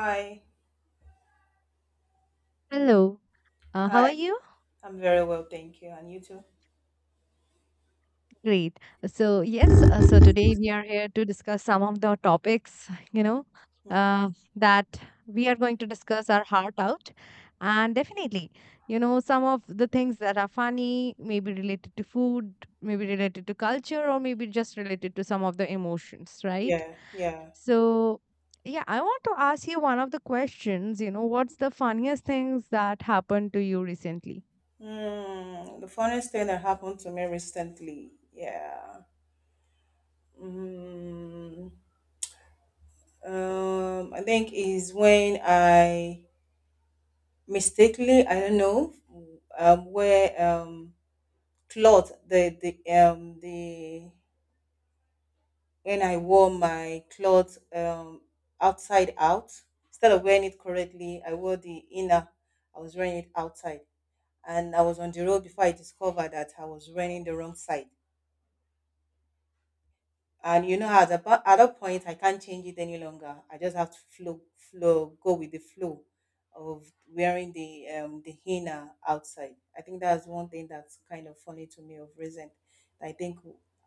Hi, Hello, how are hi. you? I'm very well, thank you. And you too? Great. So, yes, so today we are here to discuss some of the topics, Mhm. uh, that we are going to discuss our heart out. And definitely, some of the things that are funny, maybe related to food, maybe related to culture, or maybe just related to some of the emotions, right? Yeah, yeah. So, yeah, I want to ask you one of the questions, what's the funniest things that happened to you recently? The funniest thing that happened to me recently, yeah. Mm, I think is when I mistakenly, I don't know, where cloth the when I wore my cloth outside out instead of wearing it correctly, I wore the inner. I was wearing it outside. And I was on the road before I discovered that I was running the wrong side. And you know at a, at that point I can't change it any longer. I just have to flow flow go with the flow of wearing the henna outside. I think that's one thing that's kind of funny to me of recent. I think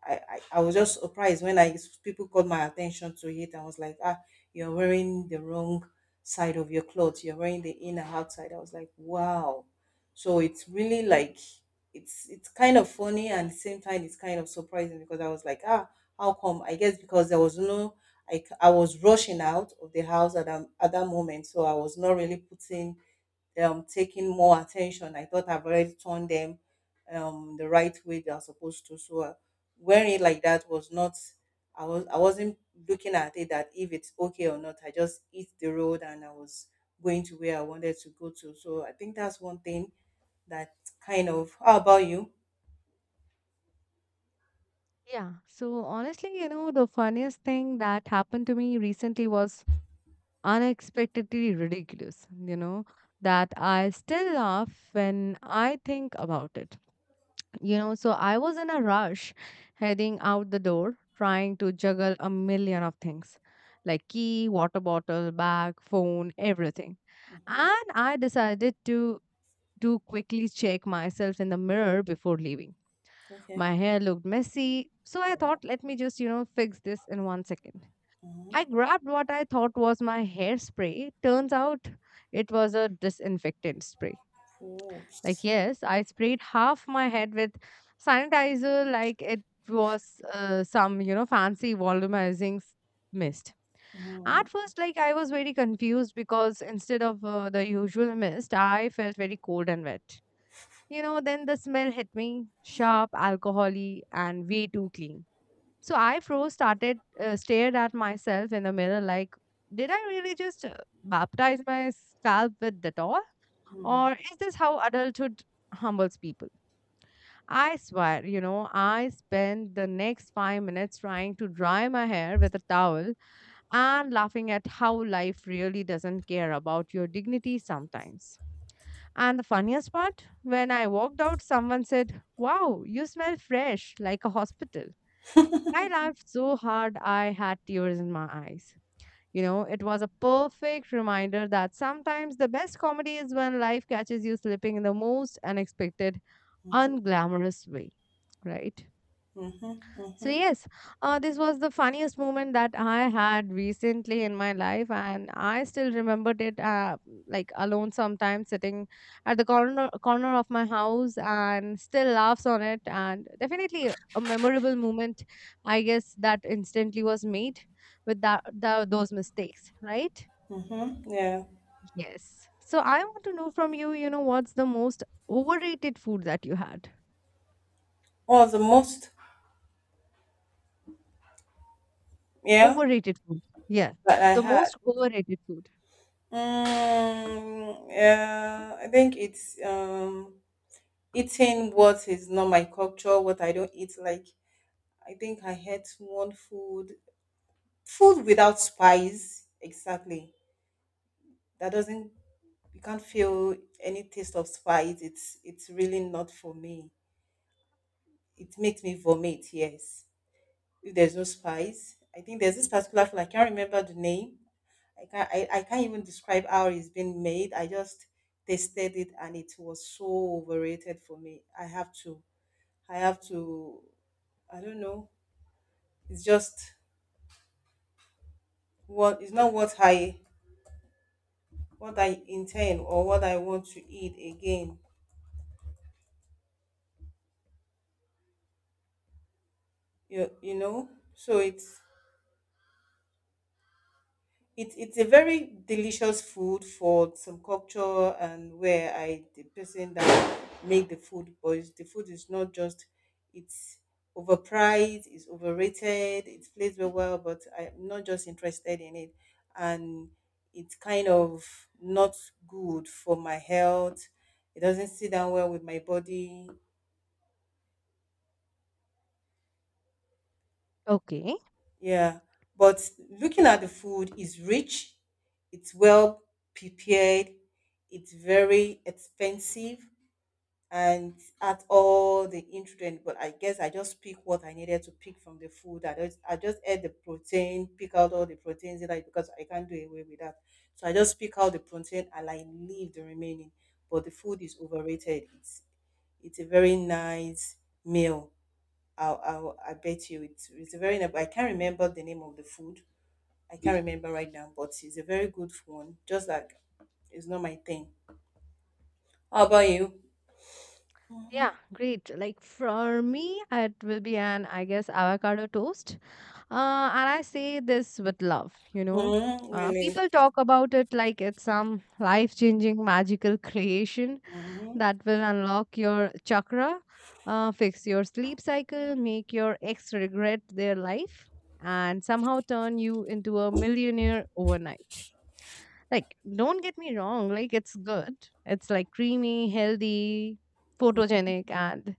I was just surprised when I people called my attention to it. I was like, ah, you're wearing the wrong side of your clothes. You're wearing the inner outside. I was like, wow. So it's really like it's kind of funny, and at the same time it's kind of surprising because I was like, ah, how come? I guess because there was no, I was rushing out of the house at that moment. So I was not really putting, taking more attention. I thought I've already turned them the right way they are supposed to. So wearing it like that was not, I wasn't looking at it that if it's okay or not. I just hit the road, and I was going to where I wanted to go to. So I think that's one thing that kind of, how about you? Yeah. So honestly, the funniest thing that happened to me recently was unexpectedly ridiculous, that I still laugh when I think about it. So I was in a rush heading out the door, trying to juggle a million of things like key, water bottle, bag, phone, everything. Hmm. And I decided to quickly check myself in the mirror before leaving. Okay. My hair looked messy, so I thought, let me just, fix this in 1 second. Mm-hmm. I grabbed what I thought was my hairspray. Turns out it was a disinfectant spray. Like, Fools. yes, I sprayed half my head with sanitizer, like it was some, fancy volumizing mist. At first, like, I was very confused because instead of the usual mist, I felt very cold and wet. Then the smell hit me sharp, alcoholy, and way too clean. So I froze, stared at myself in the mirror like, did I really just baptize my scalp with Dettol? Or is this how adulthood humbles people? I swear, I spent the next 5 minutes trying to dry my hair with a towel and laughing at how life really doesn't care about your dignity sometimes. And the funniest part, when I walked out, someone said, "Wow, you smell fresh like a hospital." I laughed so hard I had tears in my eyes. It was a perfect reminder that sometimes the best comedy is when life catches you slipping in the most unexpected, unglamorous way, right? Mhm, So mhm, yes, this was the funniest moment that I had recently in my life, and I still remembered it. Like alone, sometimes sitting at the corner of my house, and still laughs on it. And definitely a memorable moment, I guess that instantly was made with that those mistakes, right? mhm. Yeah. Yes. So I want to know from you, what's the most overrated food that you had? What was the most yeah Overrated food. Yeah. that I The had? most overrated food. Yeah, I think it's eating what is not my culture, what I don't eat. Like I think I had one food, food without spice. Exactly. That doesn't you can't feel any taste of spice. It's really not for me. It makes me vomit. Yes, if there's no spice. I think there's this particular food. I can't remember the name. I can't I can't even describe how it's been made. I just tasted it, and it was so overrated for me. I have to I have to I don't know. It's just what it's not what I what I intend or what I want to eat again. You know? So it's it's a very delicious food for some culture, and where I the person that make the food, but it's- the food is not just it's overpriced, it's overrated, it's placed very well, but I'm not just interested in it, and it's kind of not good for my health. It doesn't sit down well with my body. Okay. Yeah, but looking at the food is rich, it's well prepared, it's very expensive, and at all the ingredients. But I guess I just pick what I needed to pick from the food. I just ate the protein, pick out all the proteins that I because I can't do away with that. So I just pick out the protein and I leave the remaining. But the food is overrated. It's a very nice meal. I bet you it's a very I can't remember the name of the food. I can't remember right now, but it's a very good one. Just like it's not my thing. How about you? Yeah, great. Like for me, it will be an, I guess, avocado toast. Uh, and I say this with love. Hmm, Uh, really? people talk about it like it's some life changing magical creation Hmm. that will unlock your chakra, fix your sleep cycle, make your ex regret their life, and somehow turn you into a millionaire overnight. Like, don't get me wrong, like, it's good. It's like creamy, healthy, photogenic, and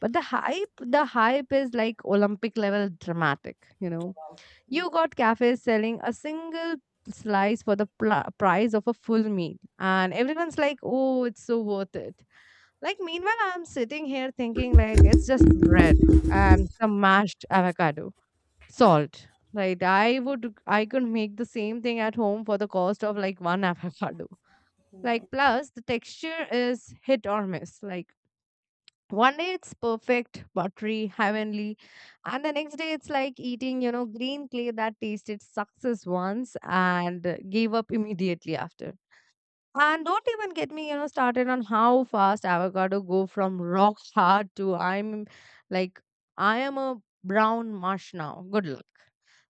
but the hype is like Olympic level dramatic, you know. You got cafes selling a single slice for the price of a full meal, and everyone's like, oh, it's so worth it. Like, meanwhile, I'm sitting here thinking, like, it's just bread and some mashed avocado, salt, right? I could make the same thing at home for the cost of like one avocado. Like plus the texture is hit or miss. Like one day it's perfect, buttery, heavenly, and the next day it's like eating, green clay that tasted success once and gave up immediately after. And don't even get me, started on how fast avocado go from rock hard to I'm like I am a brown mush now. Good luck.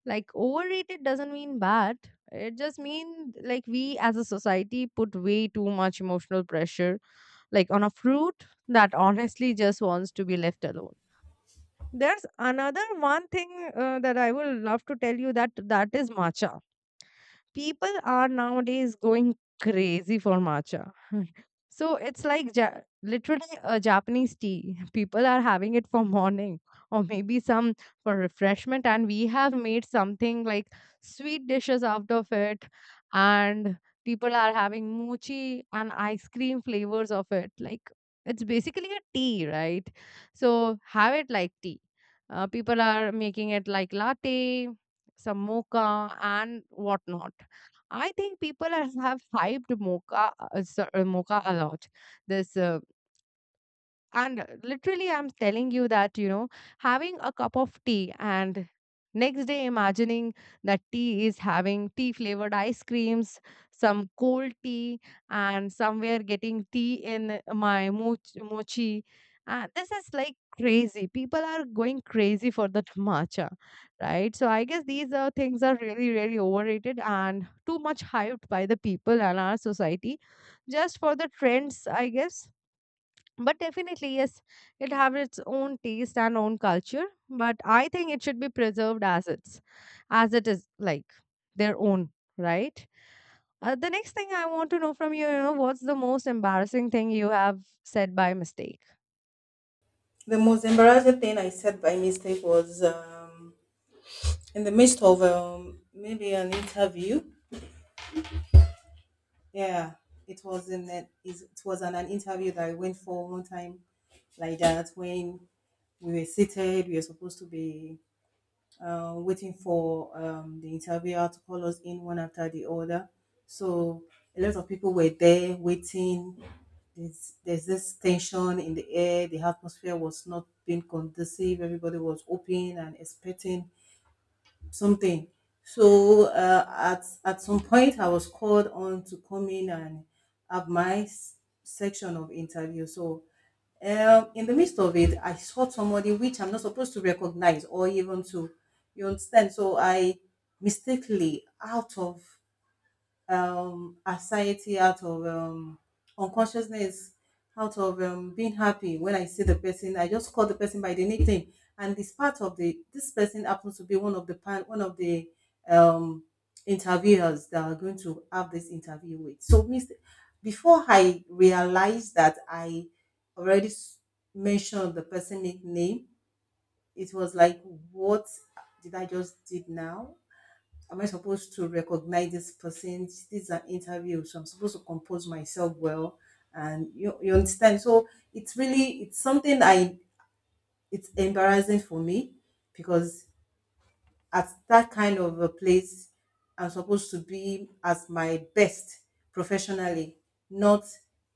Like overrated doesn't mean bad. It just means like we as a society put way too much emotional pressure like on a fruit that honestly just wants to be left alone. There's another one thing that I would love to tell you that that is matcha. People are nowadays going crazy for matcha. So it's like literally a Japanese tea. People are having it for morning or maybe some for refreshment. And we have made something like sweet dishes out of it. And people are having mochi and ice cream flavors of it. Like it's basically a tea, right? So have it like tea. People are making it like latte, some mocha, and whatnot. I think people have hyped mocha a lot. This and literally I'm telling you that, having a cup of tea and next day imagining that tea is having tea flavored ice creams, some cold tea, and somewhere getting tea in my mochi. This is like crazy. People are going crazy for that matcha, right? So I guess these things are really really overrated and too much hyped by the people and our society just for the trends, I guess. But definitely, yes, it have its own taste and own culture. But I think it should be preserved as it is like their own, right? The next thing I want to know from you, what's the most embarrassing thing you have said by mistake? The most embarrassing thing I said by mistake was in the midst of maybe an interview. Yeah, it was in that is it was an interview that I went for one time like that when we were seated. We were supposed to be waiting for the interviewer to call us in one after the other. So a lot of people were there waiting. There's this tension in the air. The atmosphere was not being conducive. Everybody was open and expecting something. So at some point, I was called on to come in and have my section of interview. So in the midst of it, I saw somebody which I'm not supposed to recognize or even to, you understand? So I mistakenly, out of anxiety, out of unconsciousness, out of being happy, when I see the person I just call the person by the nickname. And this part of the this person happens to be one of the one of the um interviewers that are going to have this interview with. So miss before I realized that I already mentioned the person nickname, it was like what did I just did now? Am I supposed to recognize this person? This is an interview, so I'm supposed to compose myself well. And you understand? So it's really, it's something I, it's embarrassing for me because at that kind of a place I'm supposed to be as my best professionally, not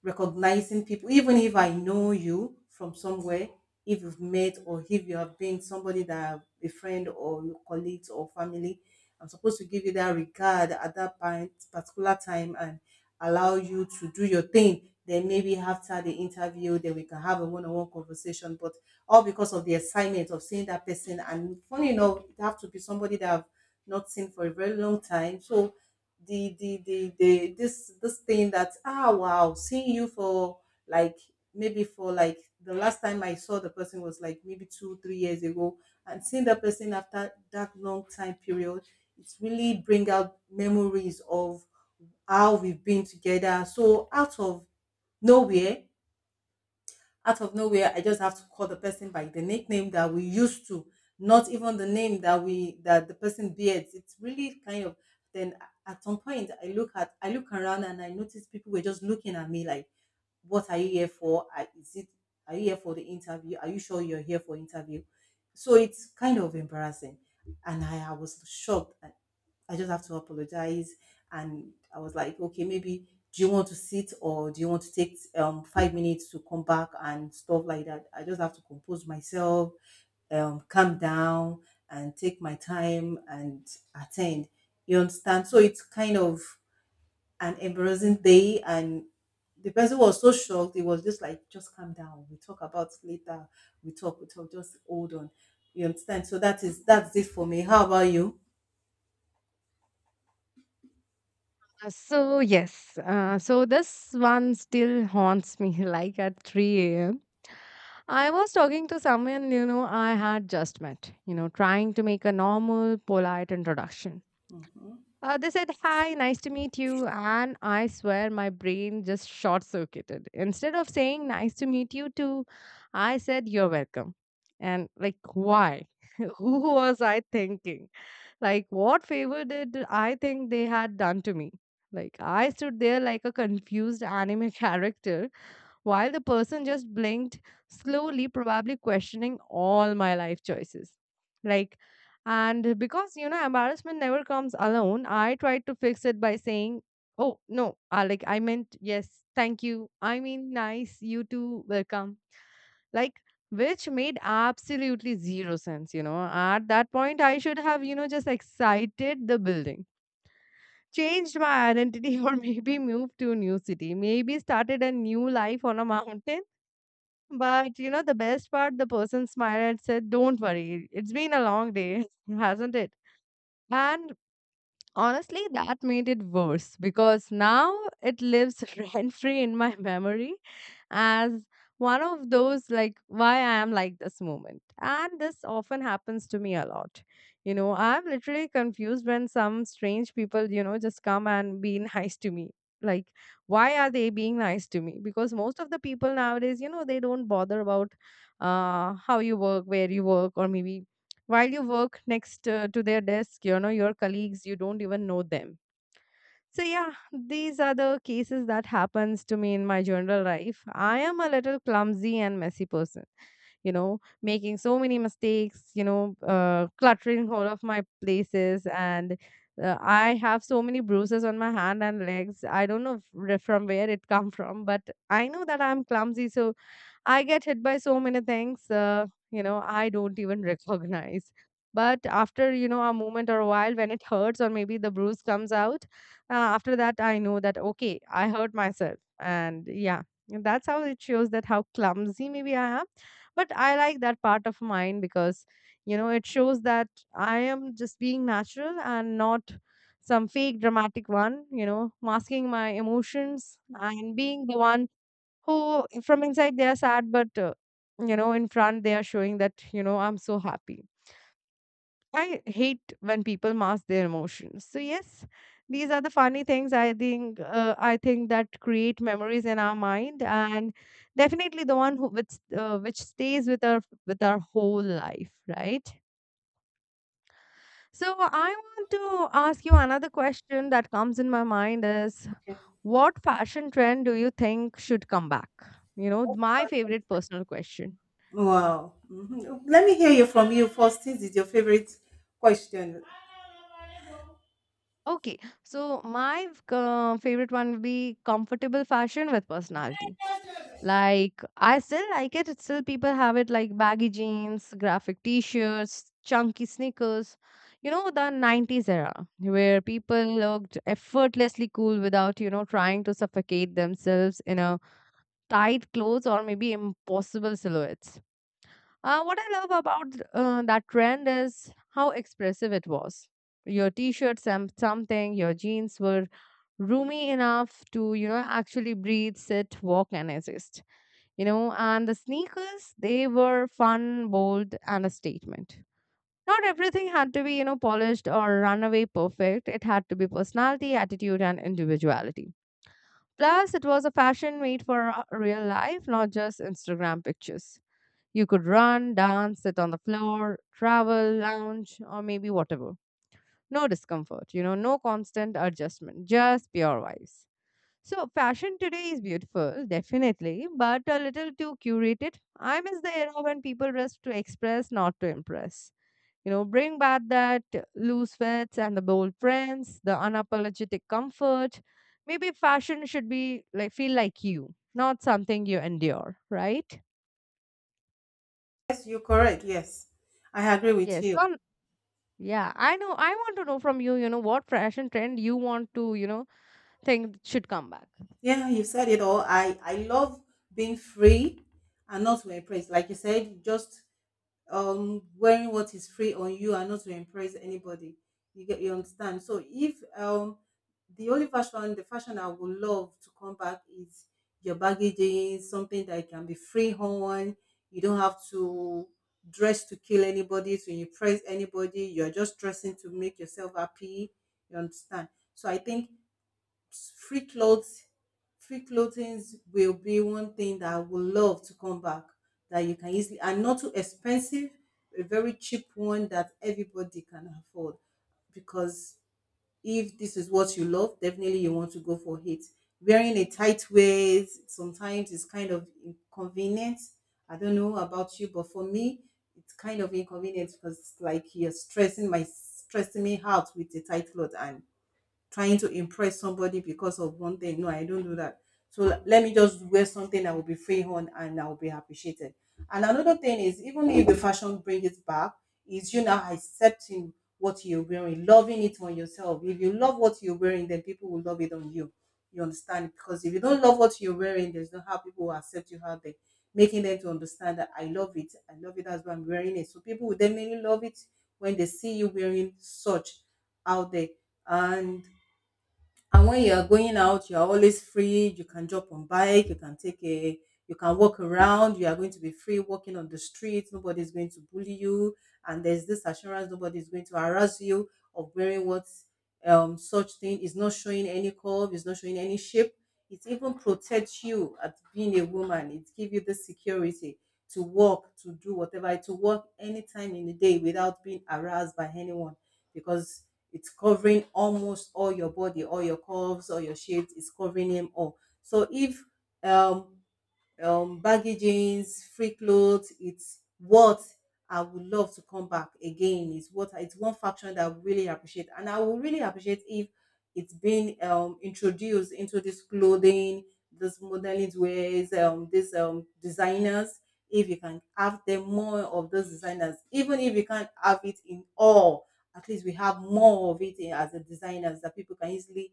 recognizing people. Even if I know you from somewhere, if you've met or if you have been somebody that a friend or your colleagues or family, I'm supposed to give you that regard at that point, particular time, and allow you to do your thing. Then maybe after the interview, then we can have a one-on-one conversation. But all because of the excitement of seeing that person. And funny enough, it have to be somebody that I've not seen for a very long time. So the this thing that ah, wow, seeing you for like maybe for like the last time I saw the person was like maybe 2, 3 years ago. And seeing that person after that long time period, it's really bring out memories of how we've been together. So nowhere, out of nowhere I just have to call the person by the nickname that we used to, not even the name that we that the person bears. It's really kind of then at some point I look at I look around and I notice people were just looking at me like what are you here for? Is it are you here for the interview? Are you sure you're here for interview? So it's kind of embarrassing. And I was shocked. I just have to apologize. And I was like, okay, maybe do you want to sit or do you want to take 5 minutes to come back and stuff like that? I just have to compose myself, calm down and take my time and attend. You understand? So it's kind of an embarrassing day. And the person was so shocked, it was just like, just calm down. We talk about it later. We talk, just hold on. You understand? So that is that's it for me. How about you? So yes, so this one still haunts me. Like at 3 a.m. I was talking to someone, I had just met, trying to make a normal, polite introduction. Mhm. They said, "Hi, nice to meet you." And I swear my brain just short circuited. Instead of saying, "Nice to meet you too," I said, "You're welcome." And like, why? Who was I thinking? Like, what favor did I think they had done to me? Like, I stood there like a confused anime character while the person just blinked slowly, probably questioning all my life choices. Like, and because, embarrassment never comes alone, I tried to fix it by saying, "Oh, no, I like, I meant yes, thank you. I mean, nice, you too, welcome." Like, which made absolutely zero sense. At that point, I should have, just excited the building, changed my identity or maybe moved to a new city, maybe started a new life on a mountain. But the best part, the person smiled and said, "Don't worry, it's been a long day, hasn't it?" And honestly, that made it worse because now it lives rent free in my memory as one of those like why I am like this moment. And this often happens to me a lot. I'm literally confused when some strange people, just come and be nice to me. Like, why are they being nice to me? Because most of the people nowadays, they don't bother about how you work, where you work, or maybe while you work next to their desk, your colleagues you don't even know them. So yeah, these are the cases that happens to me in my general life. I am a little clumsy and messy person, making so many mistakes, cluttering all of my places. And I have so many bruises on my hand and legs. I don't know from where it come from, but I know that I'm clumsy. So I get hit by so many things, I don't even recognize. But after, a moment or a while when it hurts or maybe the bruise comes out, after that, I know that, okay, I hurt myself. And yeah, that's how it shows that how clumsy maybe I am. But I like that part of mine because, it shows that I am just being natural and not some fake dramatic one, masking my emotions and being the one who from inside they are sad but in front they are showing that I'm so happy. I hate when people mask their emotions. So yes, these are the funny things I think that create memories in our mind. And definitely the one which stays with our whole life, right? So I want to ask you another question that comes in my mind is, what fashion trend do you think should come back? You know, my Okay. favorite personal question. Wow. Mhm. Let me hear you from you first. This is your favorite question. Okay, so my favorite one would be comfortable fashion with personality. Like I still like it. It's still people have it like baggy jeans, graphic t-shirts, chunky sneakers. You know the '90s era where people looked effortlessly cool without trying to suffocate themselves in a tight clothes or maybe impossible silhouettes. What I love about that trend is how expressive it was. Your t-shirts and something, your jeans were roomy enough to, actually breathe, sit, walk, and exist. And the sneakers, they were fun, bold, and a statement. Not everything had to be, polished or runaway perfect. It had to be personality, attitude, and individuality. Plus, it was a fashion made for real life, not just Instagram pictures. You could run, dance, sit on the floor, travel, lounge, or maybe whatever. No discomfort, no constant adjustment, just pure vibes. So, fashion today is beautiful, definitely, but a little too curated. I miss the era when people dressed to express, not to impress. Bring back that loose fits and the bold prints, the unapologetic comfort. Maybe fashion should be like feel like you, not something you endure, right? Yes, you're correct. Yes, I agree with Yes, you. Yeah, I know. I want to know from you, what fashion trend you want to, think should come back. Yeah, you said it all. I love being free and not to impress. Like you said, just wearing what is free on you and not to impress anybody. You get you understand? So if the fashion I would love to come back is your baggy jeans, something that can be free on. You don't have to dress to kill anybody, to impress anybody. You're just dressing to make yourself happy. You understand? So I think free clothes, free clothings will be one thing that I would love to come back, that you can easily and not too expensive, a very cheap one that everybody can afford. Because if this is what you love, definitely you want to go for it. Wearing a tight waist sometimes is kind of inconvenient. I don't know about you, but for me, it's kind of inconvenient because it's like you're stressing my stressing me out with a tight cloth and trying to impress somebody because of one thing. No, I don't do that. So let me just wear something that will be free on, and I will be appreciated. And another thing is, even if the fashion brings it back, is you now accepting what you're wearing, loving it on yourself. If you love what you're wearing, then people will love it on you. You understand? Because if you don't love what you're wearing, there's no how people will accept you out there, making them to understand that I love it. I love it as why I'm wearing it. So people will definitely love it when they see you wearing such out there. And and when you are going out, you are always free. You can jump on bike. You can take a. You can walk around. You are going to be free walking on the street. Nobody is going to bully you, and there's this assurance nobody is going to harass you of wearing what. Such thing is not showing any curve. It's not showing any shape. It even protects you at being a woman. It gives you the security to walk, to do whatever, to walk anytime in the day without being harassed by anyone, because it's covering almost all your body, all your curves, all your shapes. It's covering them all. So if um baggy jeans, free clothes. It's what I would love to come back again. It's what, it's one faction that I really appreciate, and I would really appreciate if it's been introduced into this clothing, this modeling ways, this designers. If you can have them more of those designers, even if you can't have it in all, at least we have more of it as a designers that people can easily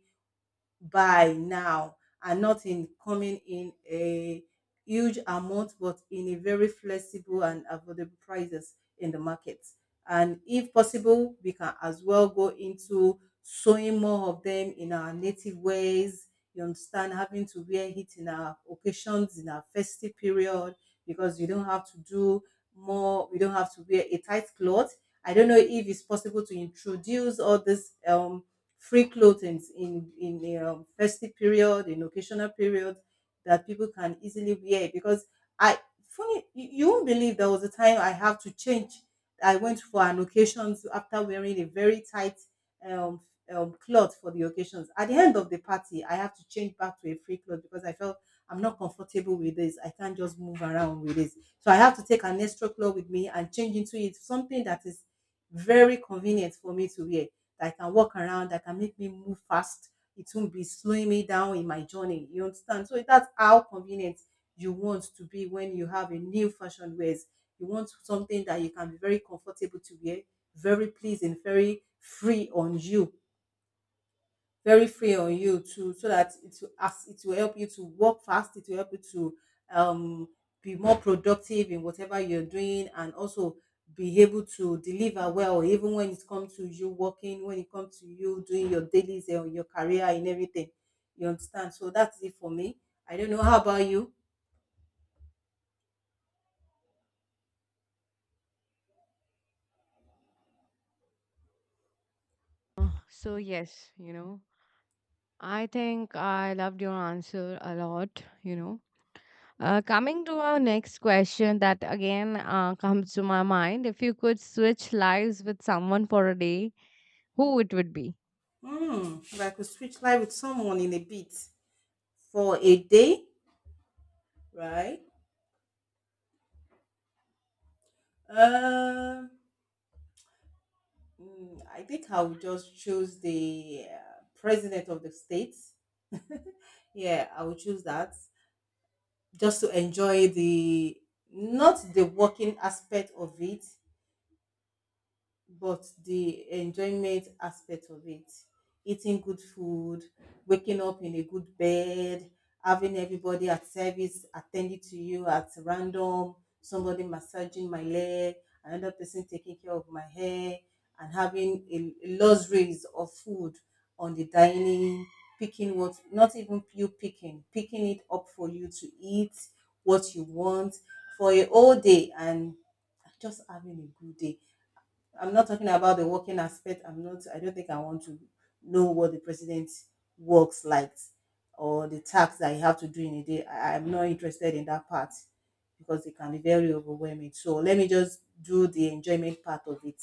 buy now, and not in coming in a huge amount, but in a very flexible and affordable prices in the market. And if possible, we can as well go into sewing more of them in our native ways, you understand, having to wear it in our occasions, in our festive period. Because you don't have to do more, we don't have to wear a tight cloth. I don't know if it's possible to introduce all this free clothings in a festive period, in occasional period that people can easily wear. Because I funny, you won't believe there was a time I have to change. I went for an occasion so after wearing a very tight um, cloth for the occasions. At the end of the party, I have to change back to a free cloth because I felt I'm not comfortable with this. I can't just move around with this. So I have to take an extra cloth with me and change into it, something that is very convenient for me to wear, that I can walk around, that can make me move fast. It won't be slowing me down in my journey. You understand? So that's how convenient you want to be when you have a new fashion wears. You want something that you can be very comfortable to wear, very pleasing, very free on you, to, so that it will, as it will help you to work fast, it will help you to um be more productive in whatever you're doing, and also be able to deliver well, even when it comes to you working, when it comes to you doing your dailies and your career and everything, you understand. So that's it for me. I don't know, how about you? So yes, I think I loved your answer a lot. Coming to our next question that again comes to my mind, if you could switch lives with someone for a day, who it would be? Hmm, if I could switch life with someone in a bit, for a day, right? um Mm, I think I would just choose the president of the state. Yeah, I would choose that, just to enjoy the, not the working aspect of it, but the enjoyment aspect of it. Eating good food, waking up in a good bed, having everybody at service attending to you at random, somebody massaging my leg, another person taking care of my hair, and having a luxuries of food on the dining, picking what, not even you picking, picking it up for you to eat what you want, for a whole day, and just having a good day. I'm not talking about the working aspect. I don't think I want to know what the president works like, or the tasks that you have to do in a day. I'm not interested in that part because it can be very overwhelming. So let me just do the enjoyment part of it,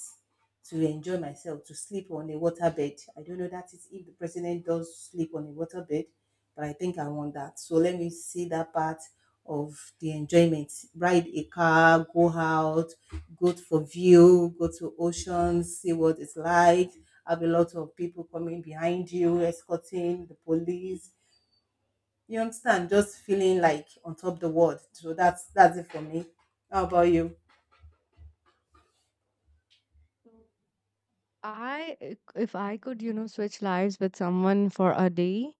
to enjoy myself, to sleep on a waterbed. I don't know that is, if the president does sleep on a waterbed, but I think I want that. So let me see that part of the enjoyment. Ride a car, go out, go for view, go to oceans, see what it's like. Have a lot of people coming behind you, escorting the police. You understand? Just feeling like on top the world. So that's it for me. How about you? I, if I could, switch lives with someone for a day.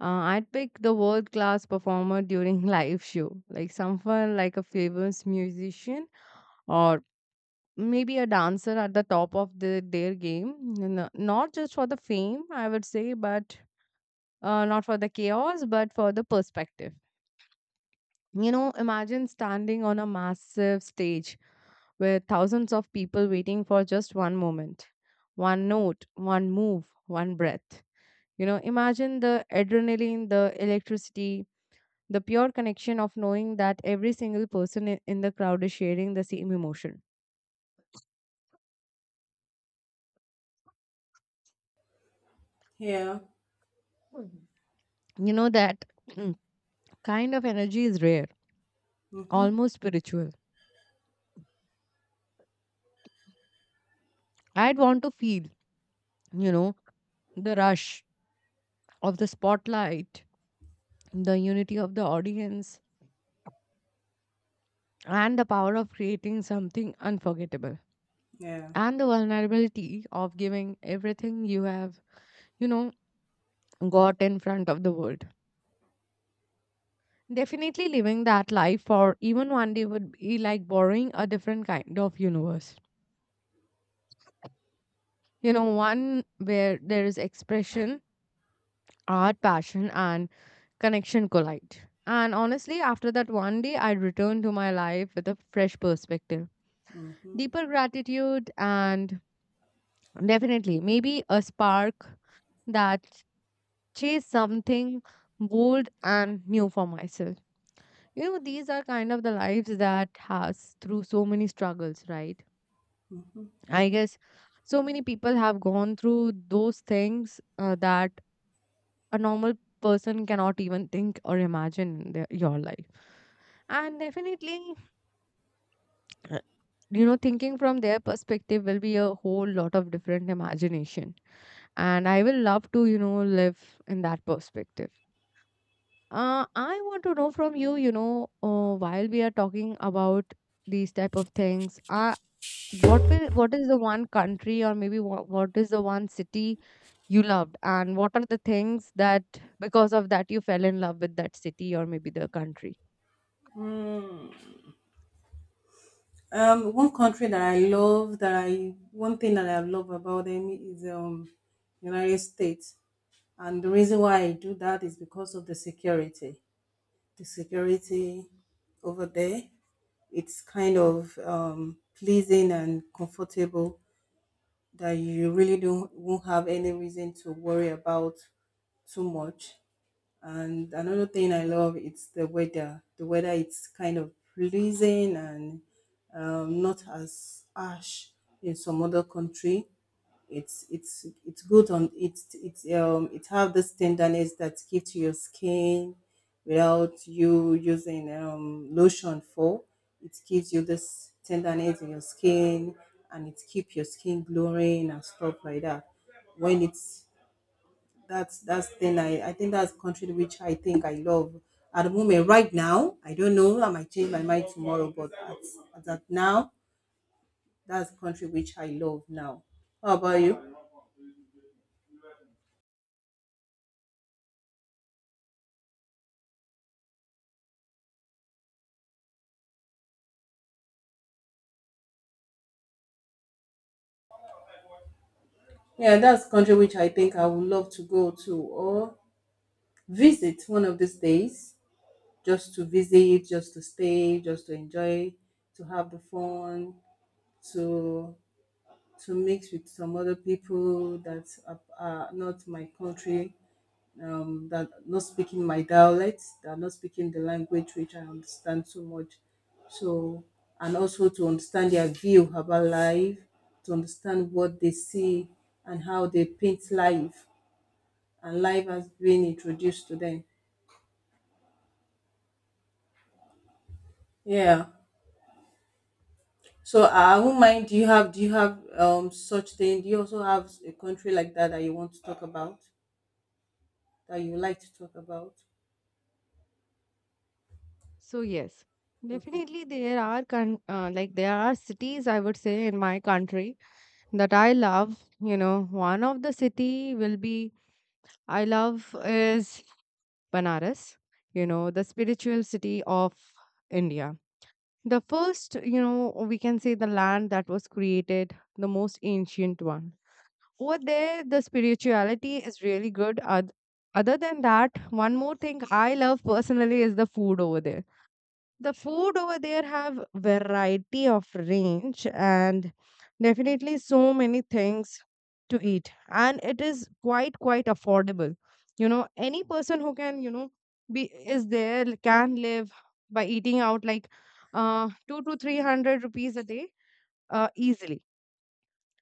I'd pick the world class performer during live show, like someone like a famous musician or maybe a dancer at the top of their game. Not just for the fame, I would say, but not for the chaos, but for the perspective. Imagine standing on a massive stage with thousands of people waiting for just one moment, one note, one move, one breath. Imagine the adrenaline, the electricity, the pure connection of knowing that every single person in the crowd is sharing the same emotion. Yeah. That mm, kind of energy is rare, Mm-hmm. almost spiritual. I'd want to feel, you know, the rush of the spotlight, the unity of the audience, and the power of creating something unforgettable, Yeah. and the vulnerability of giving everything you have, you know, got in front of the world. Definitely living that life for even one day would be like borrowing a different kind of universe. One where there is expression, art, passion, and connection collide. And honestly, after that one day, I'd return to my life with a fresh perspective, Mm-hmm. deeper gratitude, and definitely maybe a spark that chase something bold and new for myself. These are kind of the lives that has through so many struggles, right? I guess so many people have gone through those things that a normal person cannot even think or imagine in your life. And definitely, uh, thinking from their perspective will be a whole lot of different imagination. And I will love to, live in that perspective. I want to know from you, while we are talking about these type of things. I what will what is the one country or maybe what is the one city you loved, and what are the things that because of that you fell in love with that city or maybe the country? One country that I love, that I, one thing that I love about them is, United States. And the reason why I do that is because of the security. The security over there, it's kind of pleasing and comfortable, that you really don't, won't have any reason to worry about too much. And another thing I love, it's the weather. The weather, it's kind of pleasing and not as harsh in some other country. It's It's good on, it's it have this tenderness that give to your skin without you using lotion for, it gives you this tenderness in your skin, and it keep your skin glowing and stuff like that. When it's, that's, then I think that's country which I think I love at the moment right now. I don't know, I might change my mind tomorrow, at that now, that's country which I love now. How about you? Yeah, that's country which I think I would love to go to, or visit one of these days, just to visit, just to stay, just to enjoy, to have the fun, to to mix with some other people that are not my country, that not speaking my dialect, that are not speaking the language which I understand so much. So, and also to understand their view about life, to understand what they see and how they paint life, and life has been introduced to them. Yeah. So I won't mind. Do you have such thing? Do you also have a country like that that you want to talk about, that you like to talk about? So yes, Okay. definitely there are cities I would say in my country that I love. One of the city will be I love is Banaras. The spiritual city of India. The first, we can say the land that was created, the most ancient one. Over there, the spirituality is really good. Other than that, one more thing I love personally is The food over there have variety of range and definitely so many things to eat, and it is quite affordable. Any person who can, you know, be is there can live by eating out like 2 to 300 rupees a day easily.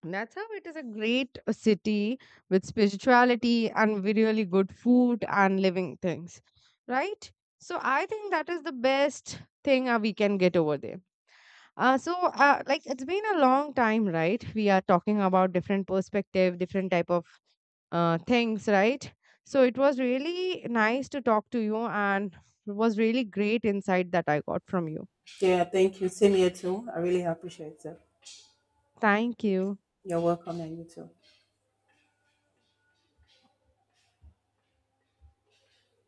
That's how it is a great city, with spirituality and with really good food and living things, right? So I think that is the best thing we can get over there. So like it's been a long time, right? We are talking about different perspective, different type of things, right? So it was really nice to talk to you, and it was really great insight that I got from you. Yeah. Thank you. Same here too. I really appreciate it. Thank you. You're welcome, and you too.